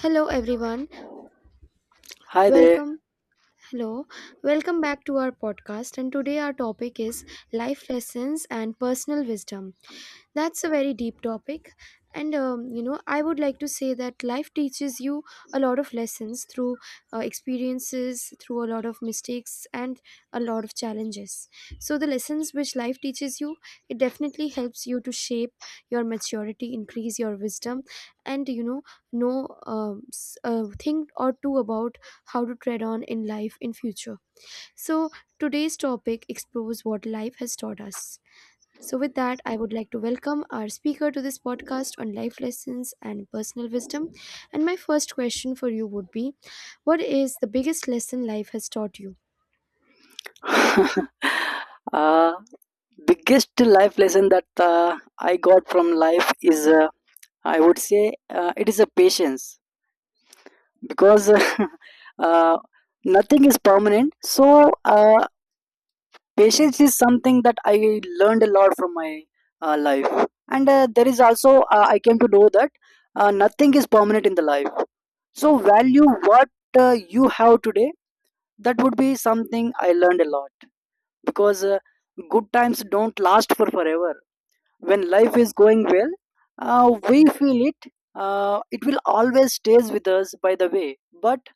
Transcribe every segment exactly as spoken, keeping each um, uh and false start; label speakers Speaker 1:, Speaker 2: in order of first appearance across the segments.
Speaker 1: Hello, everyone.
Speaker 2: Hi there.
Speaker 1: Welcome Hello, welcome back to our podcast. And today, our topic is life lessons and personal wisdom. That's a very deep topic. And, um, you know, I would like to say that life teaches you a lot of lessons through uh, experiences, through a lot of mistakes, and a lot of challenges. So, the lessons which life teaches you, it definitely helps you to shape your maturity, increase your wisdom, and, you know, know um, s- uh, think or two about how to tread on in life in future, so today's topic explores what life has taught us. So with that, I would like to welcome our speaker to this podcast on life lessons and personal wisdom. And my first question for you would be, what is the biggest lesson life has taught you?
Speaker 2: uh, Biggest life lesson that uh, I got from life is, uh, I would say, uh, it is a patience because uh, nothing is permanent. So uh, patience is something that I learned a lot from my uh, life, and uh, there is also uh, I came to know that uh, nothing is permanent in the life. So value what uh, you have today. That would be something I learned a lot, because uh, good times don't last for forever. When life is going well, uh, we feel it uh, it will always stays with us by the way. But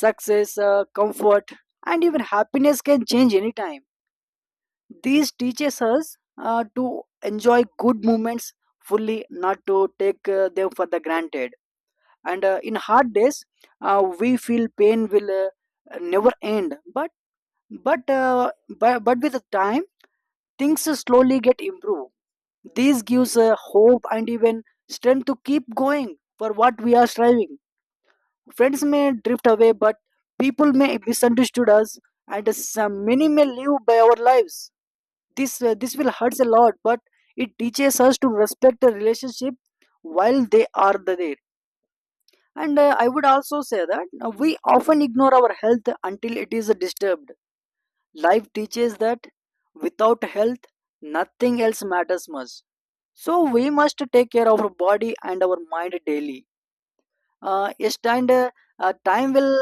Speaker 2: success, uh, comfort, and even happiness can change anytime. These teaches us uh, to enjoy good moments fully, not to take uh, them for the granted. And uh, in hard days, uh, we feel pain will uh, never end, but but uh, but, but with the time, things slowly get improved. This gives uh, hope and even strength to keep going for what we are striving. Friends may drift away, but people may misunderstood us, and some many may live by our lives. This uh, this will hurts a lot, but it teaches us to respect the relationship while they are there. And uh, I would also say that uh, we often ignore our health until it is disturbed. Life teaches that without health, nothing else matters much. So we must take care of our body and our mind daily. Uh, yes, and uh, uh, time will.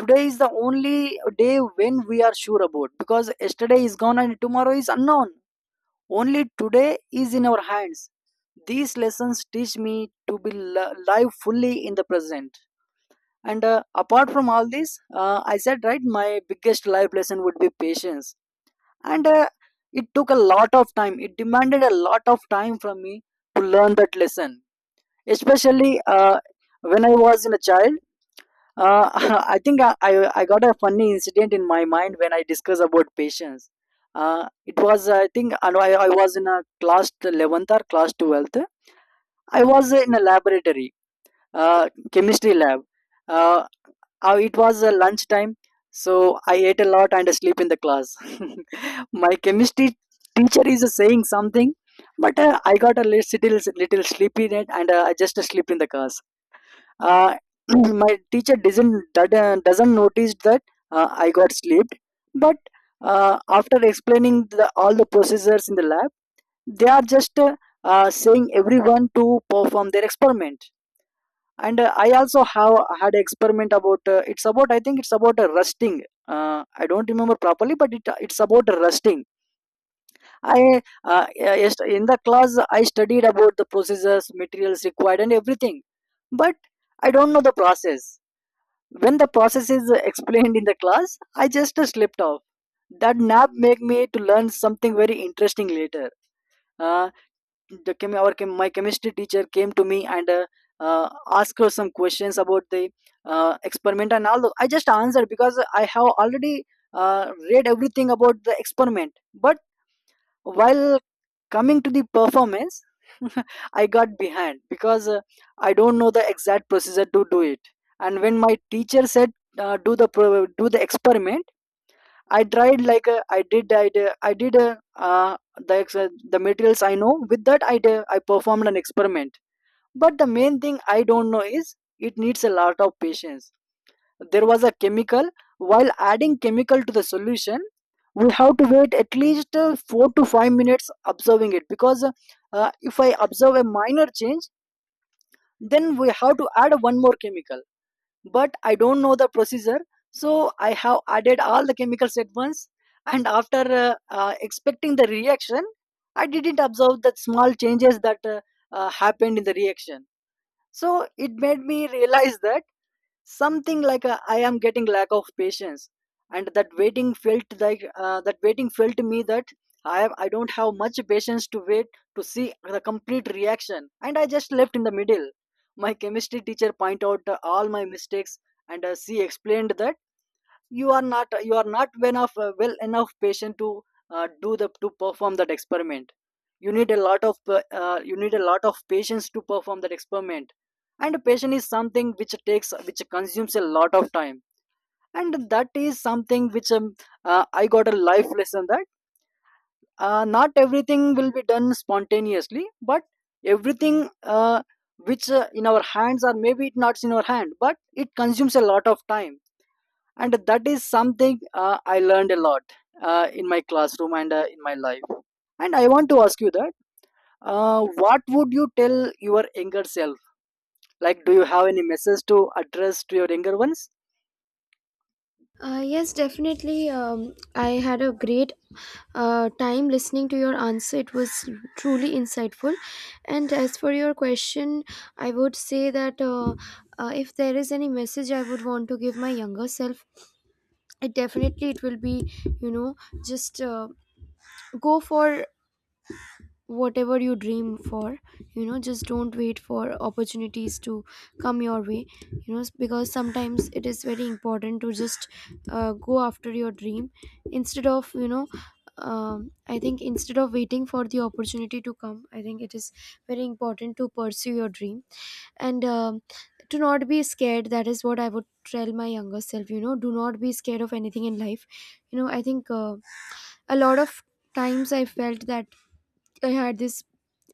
Speaker 2: Today is the only day when we are sure about, because yesterday is gone and tomorrow is unknown. Only today is in our hands. These lessons teach me to be li- live fully in the present. And uh, apart from all this, uh, I said right, my biggest life lesson would be patience, and uh, it took a lot of time. It demanded a lot of time from me to learn that lesson, especially uh, when I was in a child. uh, I think I, I I got a funny incident in my mind when I discuss about patience. Uh, it was, I think I, know I I was in a class eleventh or class twelfth. I was in a laboratory, uh, chemistry lab. Uh, uh, it was uh, lunchtime, so I ate a lot and sleep in the class. My chemistry teacher is uh, saying something, but uh, I got a little little sleepy in it, and uh, I just uh, slept in the class. Uh, my teacher doesn't that, doesn't notice that uh, I got slept, but uh, after explaining the, all the procedures in the lab, they are just uh, uh, saying everyone to perform their experiment. And uh, I also have had experiment about, uh, it's about, i think it's about uh, rusting. uh, I don't remember properly, but it, it's about rusting. I, uh, yes, in the class I studied about the processes, materials required, and everything, but I don't know the process. When the process is explained in the class, I just uh, slipped off. That nap make me to learn something very interesting later. Uh, the chem- our chem- my chemistry teacher came to me and uh, uh, asked her some questions about the uh, experiment and all. I just answered because I have already uh, read everything about the experiment. But while coming to the performance, I got behind because uh, I don't know the exact procedure to do it. And when my teacher said, uh, do the pro- do the experiment, I tried like, uh, I did I did, I did uh, uh, the ex- uh, the materials I know, with that I did, I performed an experiment. But the main thing I don't know is it needs a lot of patience. There was a chemical. While adding chemical to the solution, we have to wait at least uh, four to five minutes, observing it, because uh, if I observe a minor change, then we have to add one more chemical. But I don't know the procedure. So I have added all the chemicals at once, and after uh, uh, expecting the reaction, I didn't observe the small changes that uh, uh, happened in the reaction. So it made me realize that something like, a, I am getting lack of patience, and that waiting felt like uh, that waiting felt to me that I am I don't have much patience to wait to see the complete reaction, and I just left in the middle. My chemistry teacher pointed out uh, all my mistakes, and uh, she explained that you are not you are not well enough, uh, well enough patient to uh, do the to perform that experiment. You need a lot of uh, uh, you need a lot of patience to perform that experiment. And patient is something which takes which consumes a lot of time, and that is something which um, uh, I got a life lesson that uh, not everything will be done spontaneously, but everything uh, which uh, in our hands, or maybe it's not in our hand, but it consumes a lot of time. And that is something uh, I learned a lot uh, in my classroom and uh, in my life. And I want to ask you that, uh, what would you tell your younger self? Like, do you have any message to address to your younger ones?
Speaker 1: Uh, yes, definitely. Um, I had a great uh, time listening to your answer. It was truly insightful. And as for your question, I would say that uh, uh, if there is any message I would want to give my younger self, it definitely it will be, you know, just uh, go for whatever you dream for. You know, just don't wait for opportunities to come your way. You know s- because sometimes it is very important to just uh, go after your dream instead of, you know, um, I think instead of waiting for the opportunity to come, I think it is very important to pursue your dream. And um, to not be scared, that is what I would tell my younger self. You know, do not be scared of anything in life. You know, I think uh, a lot of times I felt that I had this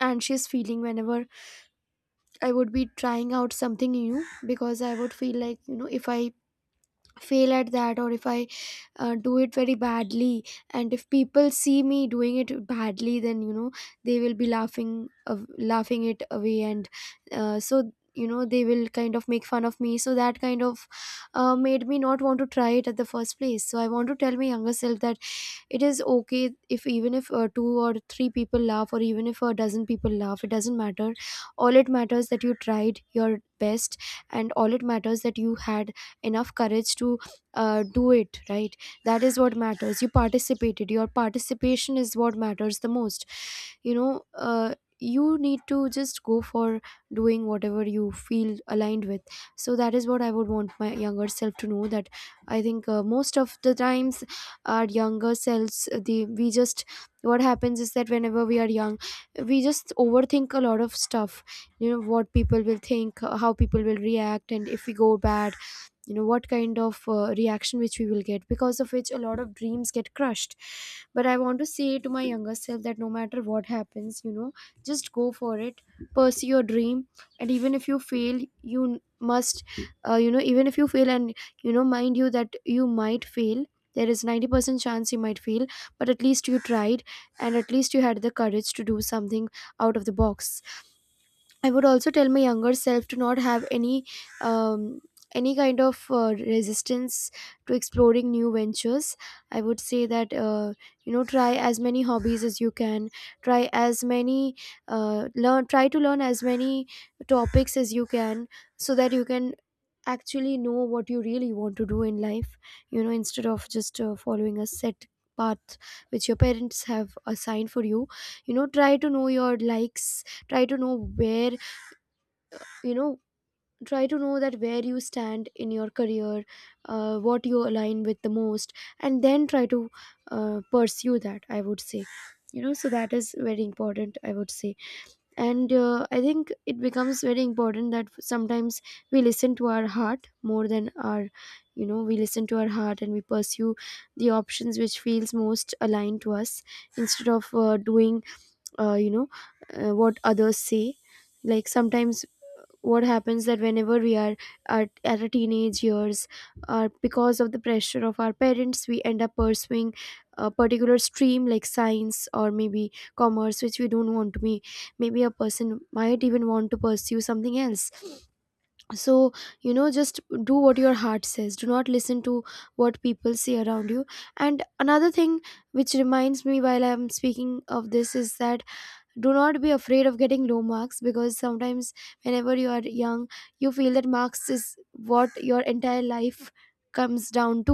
Speaker 1: anxious feeling whenever I would be trying out something new, because I would feel like, you know, if I fail at that or if I uh, do it very badly, and if people see me doing it badly, then you know they will be laughing of laughing it away. And uh, so, you know, they will kind of make fun of me, so that kind of uh, made me not want to try it at the first place. So I want to tell my younger self that it is okay if even if uh, two or three people laugh, or even if a dozen people laugh, it doesn't matter. All it matters that you tried your best, and all it matters that you had enough courage to uh, do it right. That is what matters. You participated. Your participation is what matters the most. You know, uh, you need to just go for doing whatever you feel aligned with. So that is what I would want my younger self to know. That I think uh, Most of the times, our younger selves uh, the we just what happens is that whenever we are young, we just overthink a lot of stuff, you know, what people will think, uh, how people will react, and if we go bad, you know, what kind of uh, reaction which we will get, because of which a lot of dreams get crushed. But I want to say to my younger self that no matter what happens, you know, just go for it. Pursue your dream. And even if you fail, you n- must uh, you know, even if you fail and you know, mind you that you might fail, there is ninety percent chance you might fail, but at least you tried, and at least you had the courage to do something out of the box. I would also tell my younger self to not have any um, any kind of uh, resistance to exploring new ventures. I would say that uh, you know, try as many hobbies as you can. Try as many uh, learn. Try to learn as many topics as you can, so that you can actually know what you really want to do in life. You know, instead of just uh, following a set path which your parents have assigned for you. You know, try to know your likes, try to know where, you know, try to know that where you stand in your career, uh, what you align with the most, and then try to uh, pursue that, I would say. You know, so that is very important, I would say. And uh, i think it becomes very important that sometimes we listen to our heart more than our, you know, we listen to our heart and we pursue the options which feels most aligned to us, instead of uh, doing uh, you know uh, what others say. Like sometimes what happens that whenever we are at, at a teenage years, uh, because of the pressure of our parents, we end up pursuing a particular stream like science or maybe commerce which we don't want to be. Maybe a person might even want to pursue something else. So, you know, just do what your heart says. Do not listen to what people say around you. And another thing which reminds me while I'm speaking of this is that do not be afraid of getting low marks, because sometimes whenever you are young, you feel that marks is what your entire life comes down to.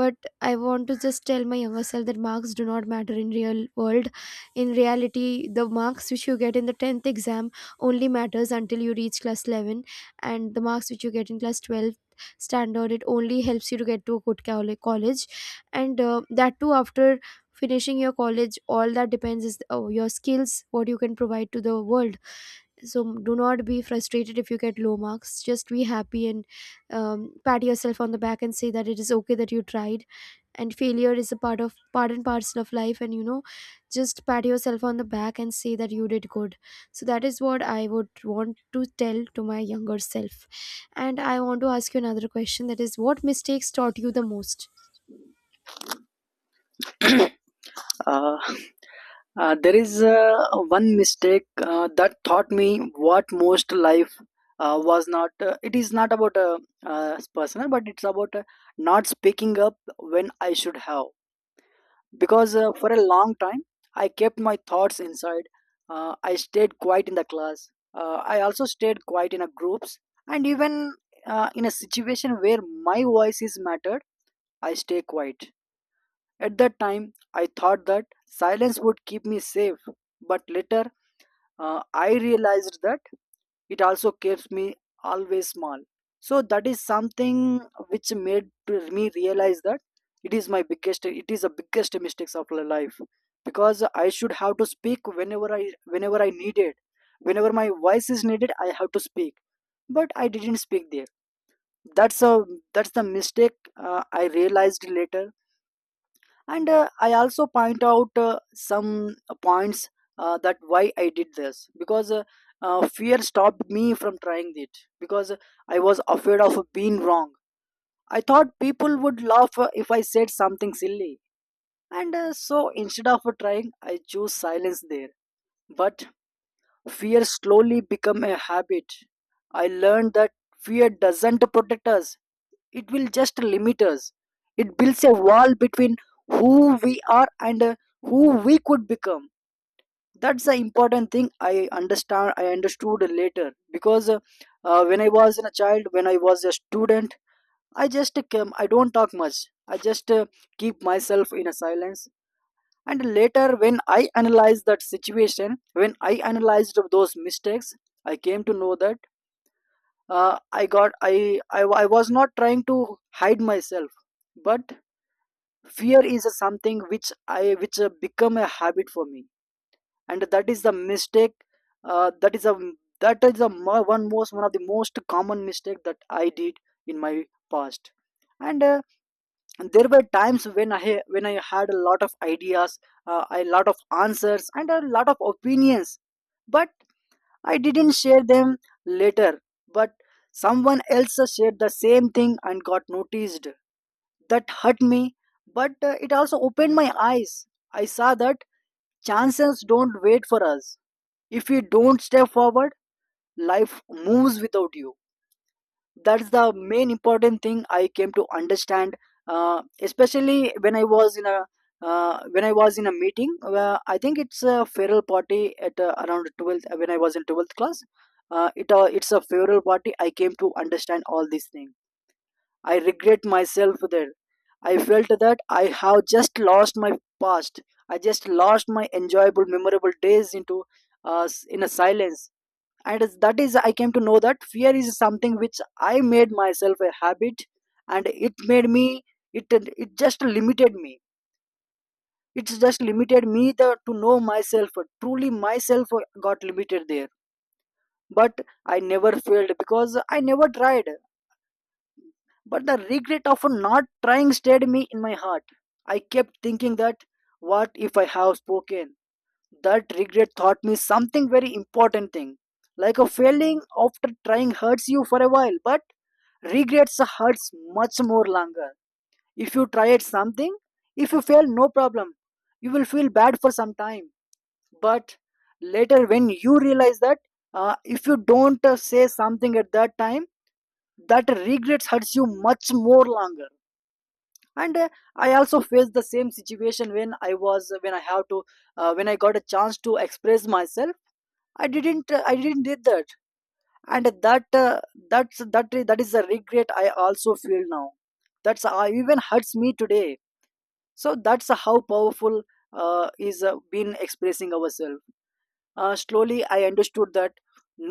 Speaker 1: But I want to just tell my younger self that marks do not matter in real world. In reality, the marks which you get in the tenth exam only matters until you reach class eleven, and the marks which you get in class twelve standard, it only helps you to get to a good colle- college. And uh, that too, after finishing your college, all that depends is uh, your skills, what you can provide to the world. So, do not be frustrated if you get low marks. Just be happy and um, pat yourself on the back and say that it is okay that you tried, and failure is a part of part and parcel of life, and you know, just pat yourself on the back and say that you did good. So that is what I would want to tell to my younger self. And I want to ask you another question, that is, what mistakes taught you the most?
Speaker 2: uh, uh, there is uh, one mistake uh, that taught me what most life, uh, was not uh, it is not about uh, uh, personal, but it's about uh, not speaking up when I should have. Because uh, for a long time, I kept my thoughts inside. uh, I stayed quiet in the class, uh, I also stayed quiet in a groups, and even uh, in a situation where my voice is mattered, I stay quiet. At that time, I thought that silence would keep me safe, but later, uh, I realized that it also keeps me always small. So that is something which made to me realize that it is my biggest it is the biggest mistakes of my life, because I should have to speak whenever i whenever I needed. Whenever my voice is needed, I have to speak, but I didn't speak there. That's a that's the mistake uh, I realized later. And uh, I also point out uh, some points uh, that why I did this, because uh, uh, fear stopped me from trying it, because I was afraid of being wrong. I thought people would laugh uh, if I said something silly, and uh, so instead of trying, I chose silence there. But fear slowly became a habit. I learned that fear doesn't protect us, it will just limit us. It builds a wall between who we are and uh, who we could become. That's the important thing I understand I understood later, because uh, uh, when I was in a child, when I was a student, I just came, I don't talk much. I just uh, keep myself in a silence. And later, when I analyzed that situation, when I analyzed those mistakes, I came to know that uh, I got, I, I I was not trying to hide myself. But fear is a something which I which uh, become a habit for me. And that is the mistake, uh, that is a that is the mo- one most one of the most common mistake that I did in my past. And uh, there were times when i ha- when I had a lot of ideas, uh, a lot of answers, and a lot of opinions, but I didn't share them. Later, but someone else shared the same thing and got noticed. That hurt me, but uh, it also opened my eyes. I saw that chances don't wait for us. If you don't step forward, life moves without you. That's the main important thing I came to understand, uh, especially when I was in a uh, when I was in a meeting. Uh, I think it's a feral party at uh, around twelfth, when I was in twelfth class. Uh, it uh, it's a feral party. I came to understand all these things. I regret myself there. I felt that I have just lost my past. I just lost my enjoyable, memorable days into uh, s- in a silence. And as- that is, I came to know that fear is something which I made myself a habit, and it made me. It it just limited me. It's just limited me the, to know myself. Truly, myself got limited there. But I never failed, because I never tried. But the regret of not trying stayed me in my heart. I kept thinking that, what if I have spoken? That regret taught me something very important thing. Like, a failing after trying hurts you for a while, but regrets hurts much more longer. If you try at something, if you fail, no problem. You will feel bad for some time. But later, when you realize that uh, if you don't uh, say something at that time, that regrets hurts you much more longer and uh, I also faced the same situation when I was uh, when I have to uh, when I got a chance to express myself I didn't uh, i didn't did that and that uh, that's that that is a regret I also feel now. That's uh, Even hurts me today, so that's how powerful uh, is uh, been expressing ourselves. Uh, slowly I understood that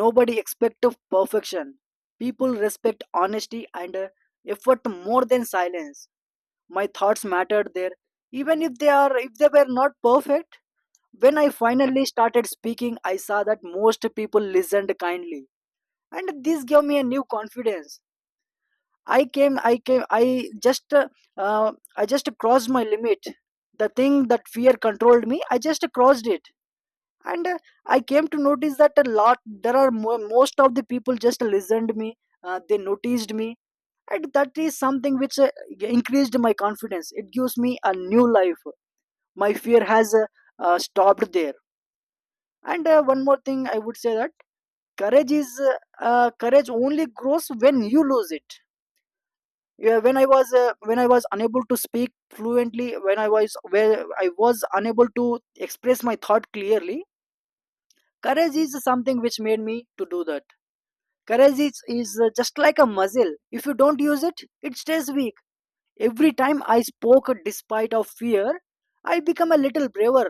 Speaker 2: nobody expect of perfection, people respect honesty and uh, effort more than silence. My thoughts mattered there, even if they are if they were not perfect. When I finally started speaking I saw that most people listened kindly, and this gave me a new confidence. i came i came i just uh, uh, I just crossed my limit. The thing that fear controlled me I just crossed it. And uh, I came to notice that a lot. There are mo- most of the people just listened me. Uh, they noticed me, and that is something which uh, increased my confidence, it gives me a new life. My fear has uh, uh, stopped there. And uh, one more thing I would say that courage is uh, uh, courage only grows when you lose it. Yeah, when i was uh, when I was unable to speak fluently, when I was where I was unable to express my thought clearly, courage is something which made me to do that. Courage is, is uh, just like a muscle, if you don't use it it stays weak. Every time I spoke despite of fear, I become a little braver.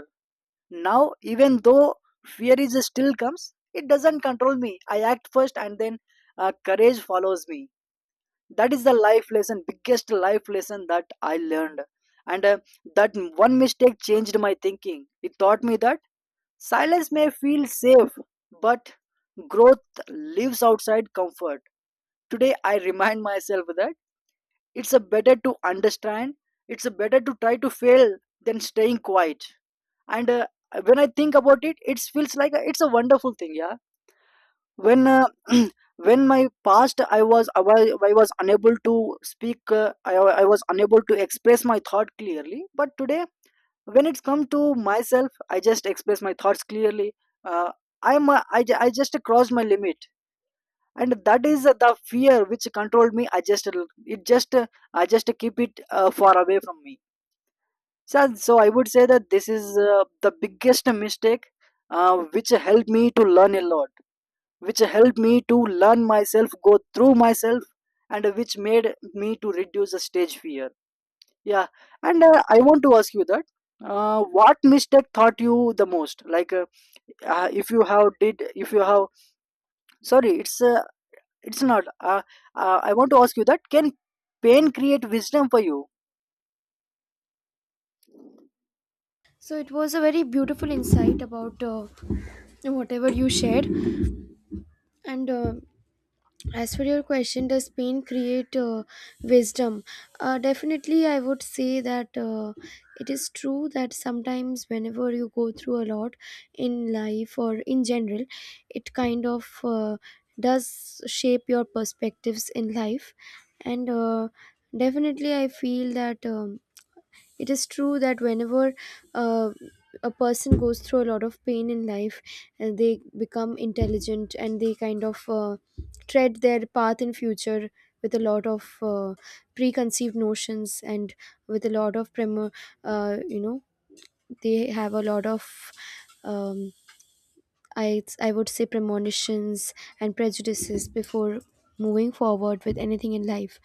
Speaker 2: Now, even though fear is still comes, it doesn't control me. I act first, and then uh, courage follows me. That is the life lesson, biggest life lesson that I learned. And uh, that one mistake changed my thinking. It taught me that silence may feel safe, but growth lives outside comfort. Today, I remind myself that it's a better to understand. It's a better to try to fail than staying quiet. And uh, when I think about it it feels like a, it's a wonderful thing. Yeah, when uh, when my past i was I, was I was unable to speak uh, I, I was unable to express my thought clearly but today when it's come to myself I just express my thoughts clearly. Uh, I'm a, I, ju- I just crossed my limit. And that is the fear which controlled me, I just, it just uh, I just keep it uh, far away from me. So, so I would say that this is uh, the biggest mistake uh, which helped me to learn a lot, which helped me to learn myself, go through myself, and which made me to reduce the stage fear. Yeah, and uh, I want to ask you that uh, what mistake taught you the most? Like uh, uh, if you have did, if you have, sorry, it's uh, it's not. Uh, uh, I want to ask you that can pain create wisdom for you?
Speaker 1: So it was a very beautiful insight about uh, whatever you shared. And uh, as for your question, does pain create uh, wisdom? uh, definitely, I would say that uh, it is true that sometimes whenever you go through a lot in life or in general, it kind of uh, does shape your perspectives in life. And uh, definitely I feel that, um, it is true that whenever uh, a person goes through a lot of pain in life, and they become intelligent and they kind of uh, tread their path in future with a lot of uh, preconceived notions and with a lot of premo- uh, you know, they have a lot of um, I, I would say premonitions and prejudices before moving forward with anything in life.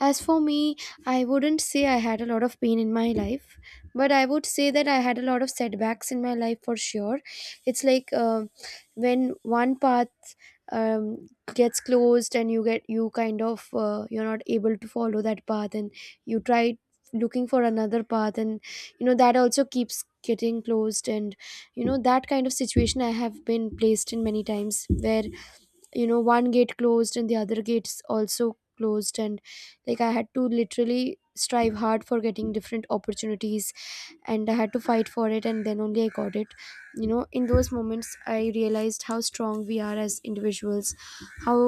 Speaker 1: As for me, I wouldn't say I had a lot of pain in my life, but I would say that I had a lot of setbacks in my life for sure. It's like uh, when one path um, gets closed and you get you kind of uh, you're not able to follow that path, and you try looking for another path, and you know that also keeps getting closed. And you know, that kind of situation I have been placed in many times, where you know, one gate closed and the other gates also closed, and like I had to literally strive hard for getting different opportunities, and I had to fight for it, and then only I got it. You know, in those moments I realized how strong we are as individuals, how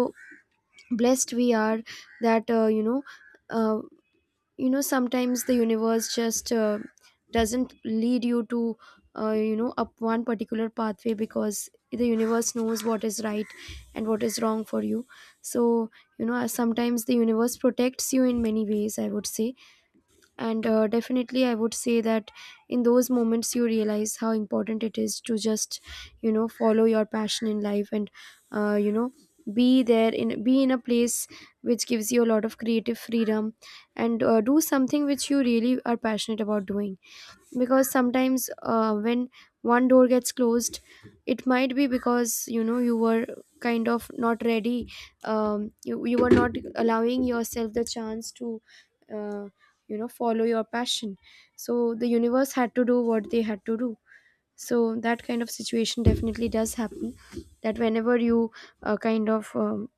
Speaker 1: blessed we are, that uh, you know uh, you know, sometimes the universe just uh, doesn't lead you to uh, you know, up one particular pathway, because the universe knows what is right and what is wrong for you. So, you know, sometimes the universe protects you in many ways, I would say. And uh, definitely I would say that in those moments you realize how important it is to just, you know, follow your passion in life, and uh, you know be there in, be in a place which gives you a lot of creative freedom, and uh, do something which you really are passionate about doing. Because sometimes uh, when one door gets closed, it might be because you know, you were kind of not ready. um, you, you were not allowing yourself the chance to uh, you know, follow your passion. So the universe had to do what they had to do. So that kind of situation definitely does happen, that whenever you uh, kind of um,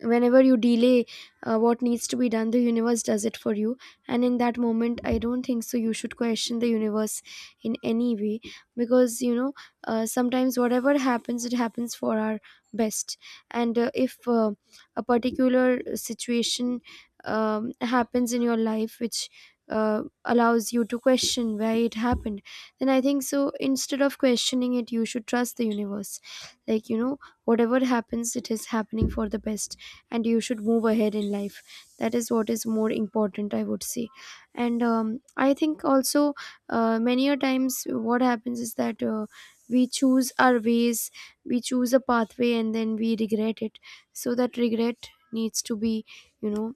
Speaker 1: whenever you delay uh, what needs to be done, the universe does it for you. And in that moment, I don't think so you should question the universe in any way, because you know, uh, sometimes whatever happens, it happens for our best. And uh, if uh, a particular situation um, happens in your life which uh, allows you to question why it happened, then I think so, instead of questioning it, you should trust the universe. Like, you know, whatever happens, it is happening for the best, and you should move ahead in life. That is what is more important, I would say. And um, i think also, uh, many a times what happens is that uh, we choose our ways, we choose a pathway, and then we regret it. So that regret needs to be, you know,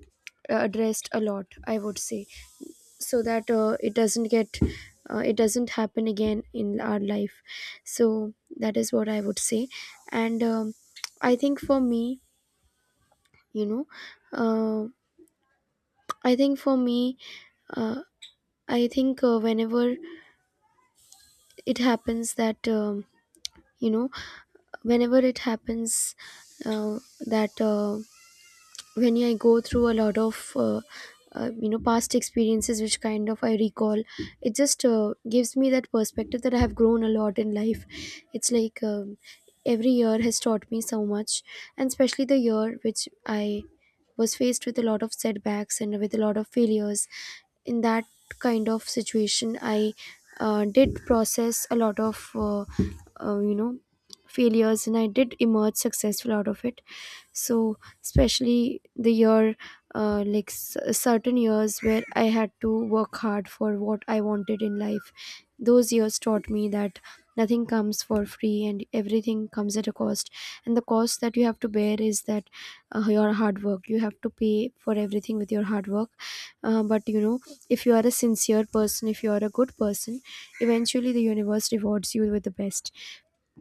Speaker 1: addressed a lot, I would say, so that uh, it doesn't get uh, it doesn't happen again in our life. So that is what I would say. And um, I think for me you know uh, I think for me uh, I think uh, whenever it happens that, um, you know whenever it happens uh, that uh, when I go through a lot of uh, uh, you know, past experiences which kind of I recall, it just uh, gives me that perspective that I have grown a lot in life. It's like, um, every year has taught me so much, and especially the year which I was faced with a lot of setbacks and with a lot of failures. In that kind of situation, I uh, did process a lot of uh, uh, you know, failures, and I did emerge successful out of it. So, especially the year, uh, like s- certain years where I had to work hard for what I wanted in life, those years taught me that nothing comes for free, and everything comes at a cost. And the cost that you have to bear is that uh, your hard work, you have to pay for everything with your hard work. uh, but you know, if you are a sincere person, if you are a good person, eventually the universe rewards you with the best.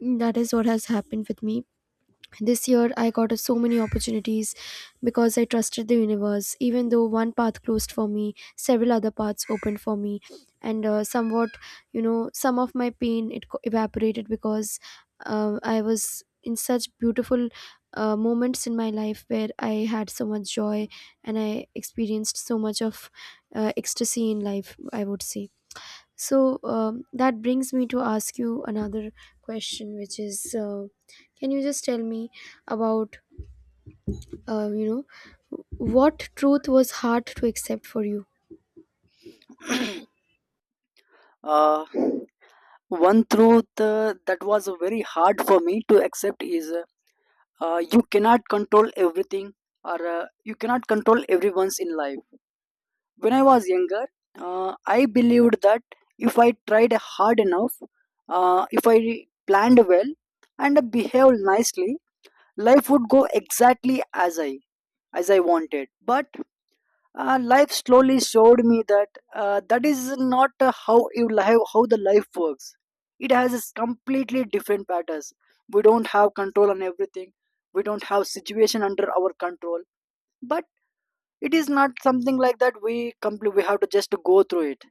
Speaker 1: That is what has happened with me. This year, I got uh, so many opportunities because I trusted the universe. Even though one path closed for me, several other paths opened for me, and uh, somewhat, you know, some of my pain it co- evaporated because uh, I was in such beautiful uh, moments in my life where I had so much joy, and I experienced so much of uh, ecstasy in life, I would say. So um, that brings me to ask you another question, which is, uh, can you just tell me about, uh, you know, what truth was hard to accept for you?
Speaker 2: Uh, One truth uh, that was very hard for me to accept is uh, uh, you cannot control everything, or uh, you cannot control everyone's in life. When I was younger, uh, I believed that if I tried hard enough, uh, if I planned well and behaved nicely, life would go exactly as I, as I wanted. But uh, life slowly showed me that uh, that is not uh, how you live, how the life works. It has its completely different patterns. We don't have control on everything. We don't have situation under our control. But it is not something like that. We complete. We have to just go through it.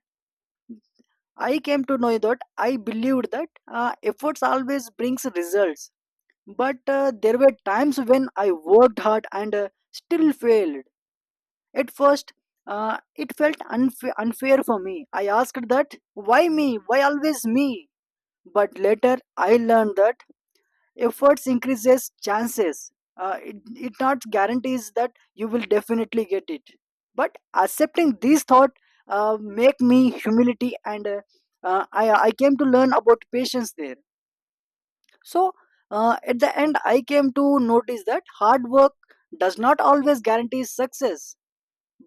Speaker 2: I came to know that I believed that uh, efforts always brings results. But uh, there were times when I worked hard and uh, still failed. At first, uh, it felt unfa- unfair for me. I asked that, why me? Why always me? But later, I learned that efforts increases chances. Uh, it, it not guarantees that you will definitely get it. But accepting this thought uh, make me humility and uh, uh, I, I came to learn about patience there. So uh, at the end, I came to notice that hard work does not always guarantee success,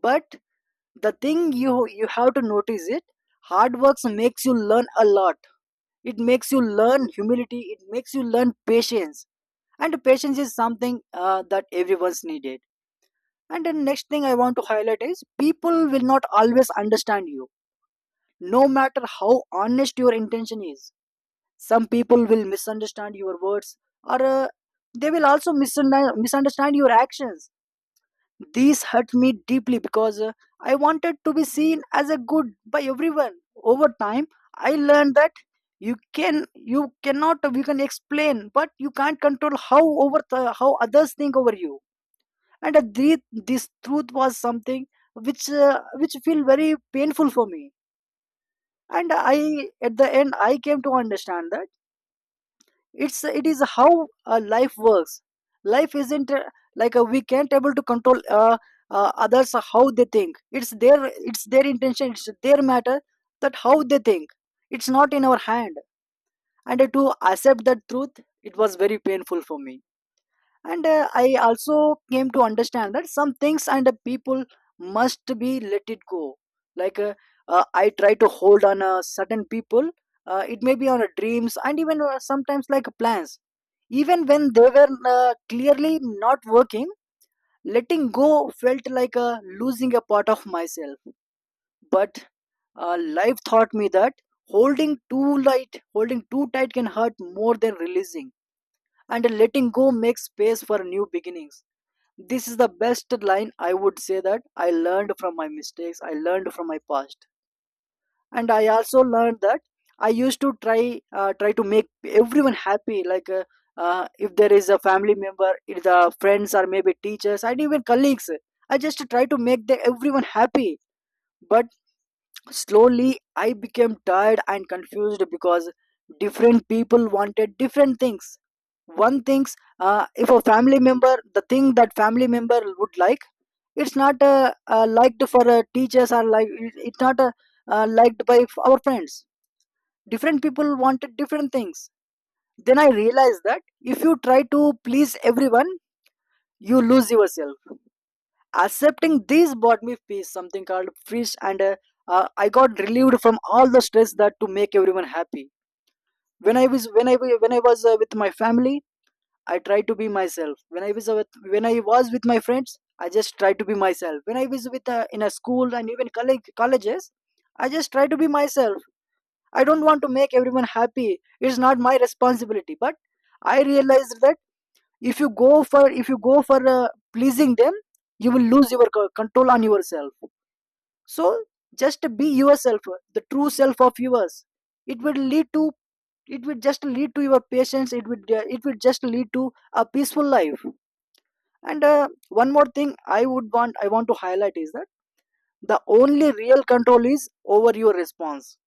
Speaker 2: but the thing you you have to notice it, hard works makes you learn a lot, it makes you learn humility, it makes you learn patience, and patience is something uh, that everyone's needed. And the next thing I want to highlight is people will not always understand you, no matter how honest your intention is. Some people will misunderstand your words, or uh, they will also misunderstand misunderstand your actions. This hurt me deeply because uh, I wanted to be seen as a good by everyone. Over time, I learned that you can you cannot you can explain, but you can't control how over the, how others think over you. And uh, this, this truth was something which uh, which feel very painful for me. And I at the end I came to understand that it's it is how uh, life works. Life isn't uh, like uh, we can't able to control uh, uh, others, uh, how they think. It's their it's their intention, it's their matter that how they think, it's not in our hand. And to accept that truth it was very painful for me. And uh, I also came to understand that some things and uh, people must be let it go. Like uh, uh, I try to hold on uh, certain people, uh, it may be on uh, dreams and even uh, sometimes like plans, even when they were uh, clearly not working. Letting go felt like uh, losing a part of myself, but uh, life taught me that holding too light holding too tight can hurt more than releasing, and letting go makes space for new beginnings. This is the best line I would say that I learned from my mistakes, I learned from my past. And I also learned that I used to try uh, try to make everyone happy, like uh, uh, if there is a family member, if the friends, or maybe teachers and even colleagues, I just try to make the, everyone happy. But slowly I became tired and confused because different people wanted different things. One thinks uh, if a family member, the thing that family member would like, it's not uh, uh, liked for uh, teachers, or like it- it's not uh, uh, liked by f- our friends. Different people wanted different things. Then I realized that if you try to please everyone, you lose yourself. Accepting this brought me peace, something called peace. And uh, uh, I got relieved from all the stress that to make everyone happy. When I was, when i wa- when I was uh, with my family, I tried to be myself. When I was uh, with, when I was with my friends I just tried to be myself. When I was with uh, in a school, and even college, colleges, I just try to be myself. I don't want to make everyone happy, it's not my responsibility. But I realized that if you go for if you go for uh, pleasing them, you will lose your co- control on yourself. So just be yourself, the true self of yours. It will lead to it will just lead to your patience, it will it will just lead to a peaceful life. And uh, one more thing i would want I want to highlight is that the only real control is over your response.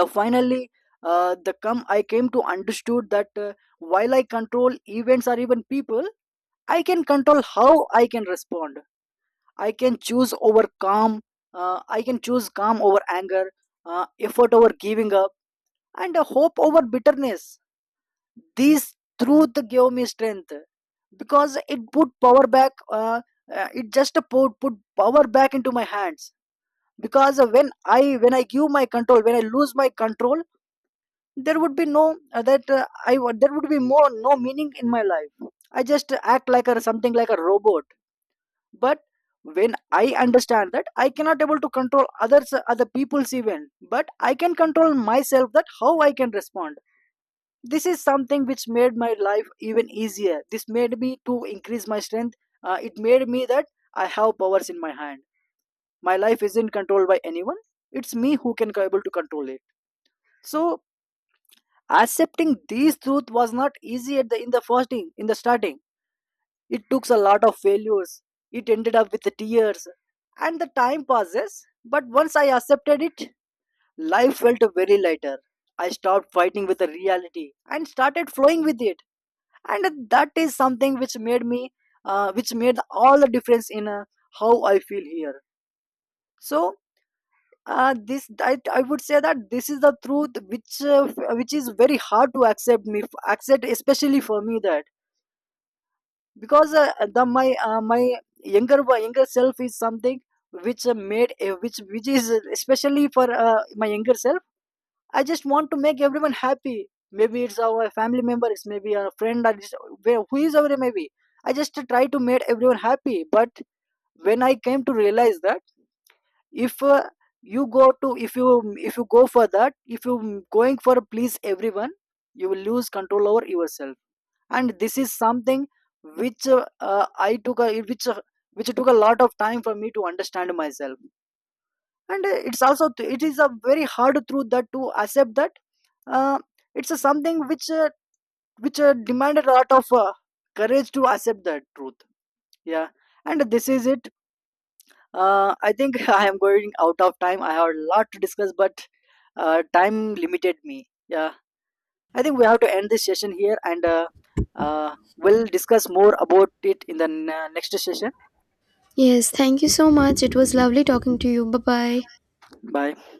Speaker 2: The finally uh, the come I came to understood that uh, while I control events or even people, I can control how I can respond. I can choose over calm. Uh, I can choose calm over anger, uh, effort over giving up, and uh, hope over bitterness. This truth gave me strength because it put power back. Uh, uh, it just put put power back into my hands. Because uh, when I, when I give my control, when I lose my control, there would be no uh, that uh, I would- there would be more no meaning in my life. I just act like a something like a robot. But when I understand that I cannot able to control others, other people's event, but I can control myself that how I can respond, this is something which made my life even easier, this made me to increase my strength. Uh, it made me that I have powers in my hand, my life isn't controlled by anyone, it's me who can able to control it. So, accepting these truth was not easy at the in the first, in, in the starting. It took a lot of failures. It ended up with tears. And the time passes, but once I accepted it, life felt very lighter. I stopped fighting with the reality and started flowing with it. And that is something which made me, uh, which made all the difference in uh, how I feel here. So, uh, this I, I would say that this is the truth which uh, which is very hard to accept me accept especially for me. That because uh, the my uh, my younger wo- younger self is something which uh, made uh, which which is uh, especially for uh, my younger self, I just want to make everyone happy. Maybe it's our family member, it's maybe a friend, or just, where- who is our, maybe I just try to make everyone happy. But when I came to realize that if uh, you go to if you if you go for that, if you going for please everyone, you will lose control over yourself. And this is something which uh, uh, i took a, which uh, which took a lot of time for me to understand myself. And uh, it's also, it is a very hard truth that to accept that, uh, it's a something which uh, which uh, demanded a lot of uh, courage to accept that truth. Yeah, and this is it. uh, I think I am going out of time, I have a lot to discuss, but uh, time limited me. Yeah, I think we have to end this session here, and uh, uh, we'll discuss more about it in the n- next session.
Speaker 1: Yes, thank you so much. It was lovely talking to you. Bye bye.
Speaker 2: Bye.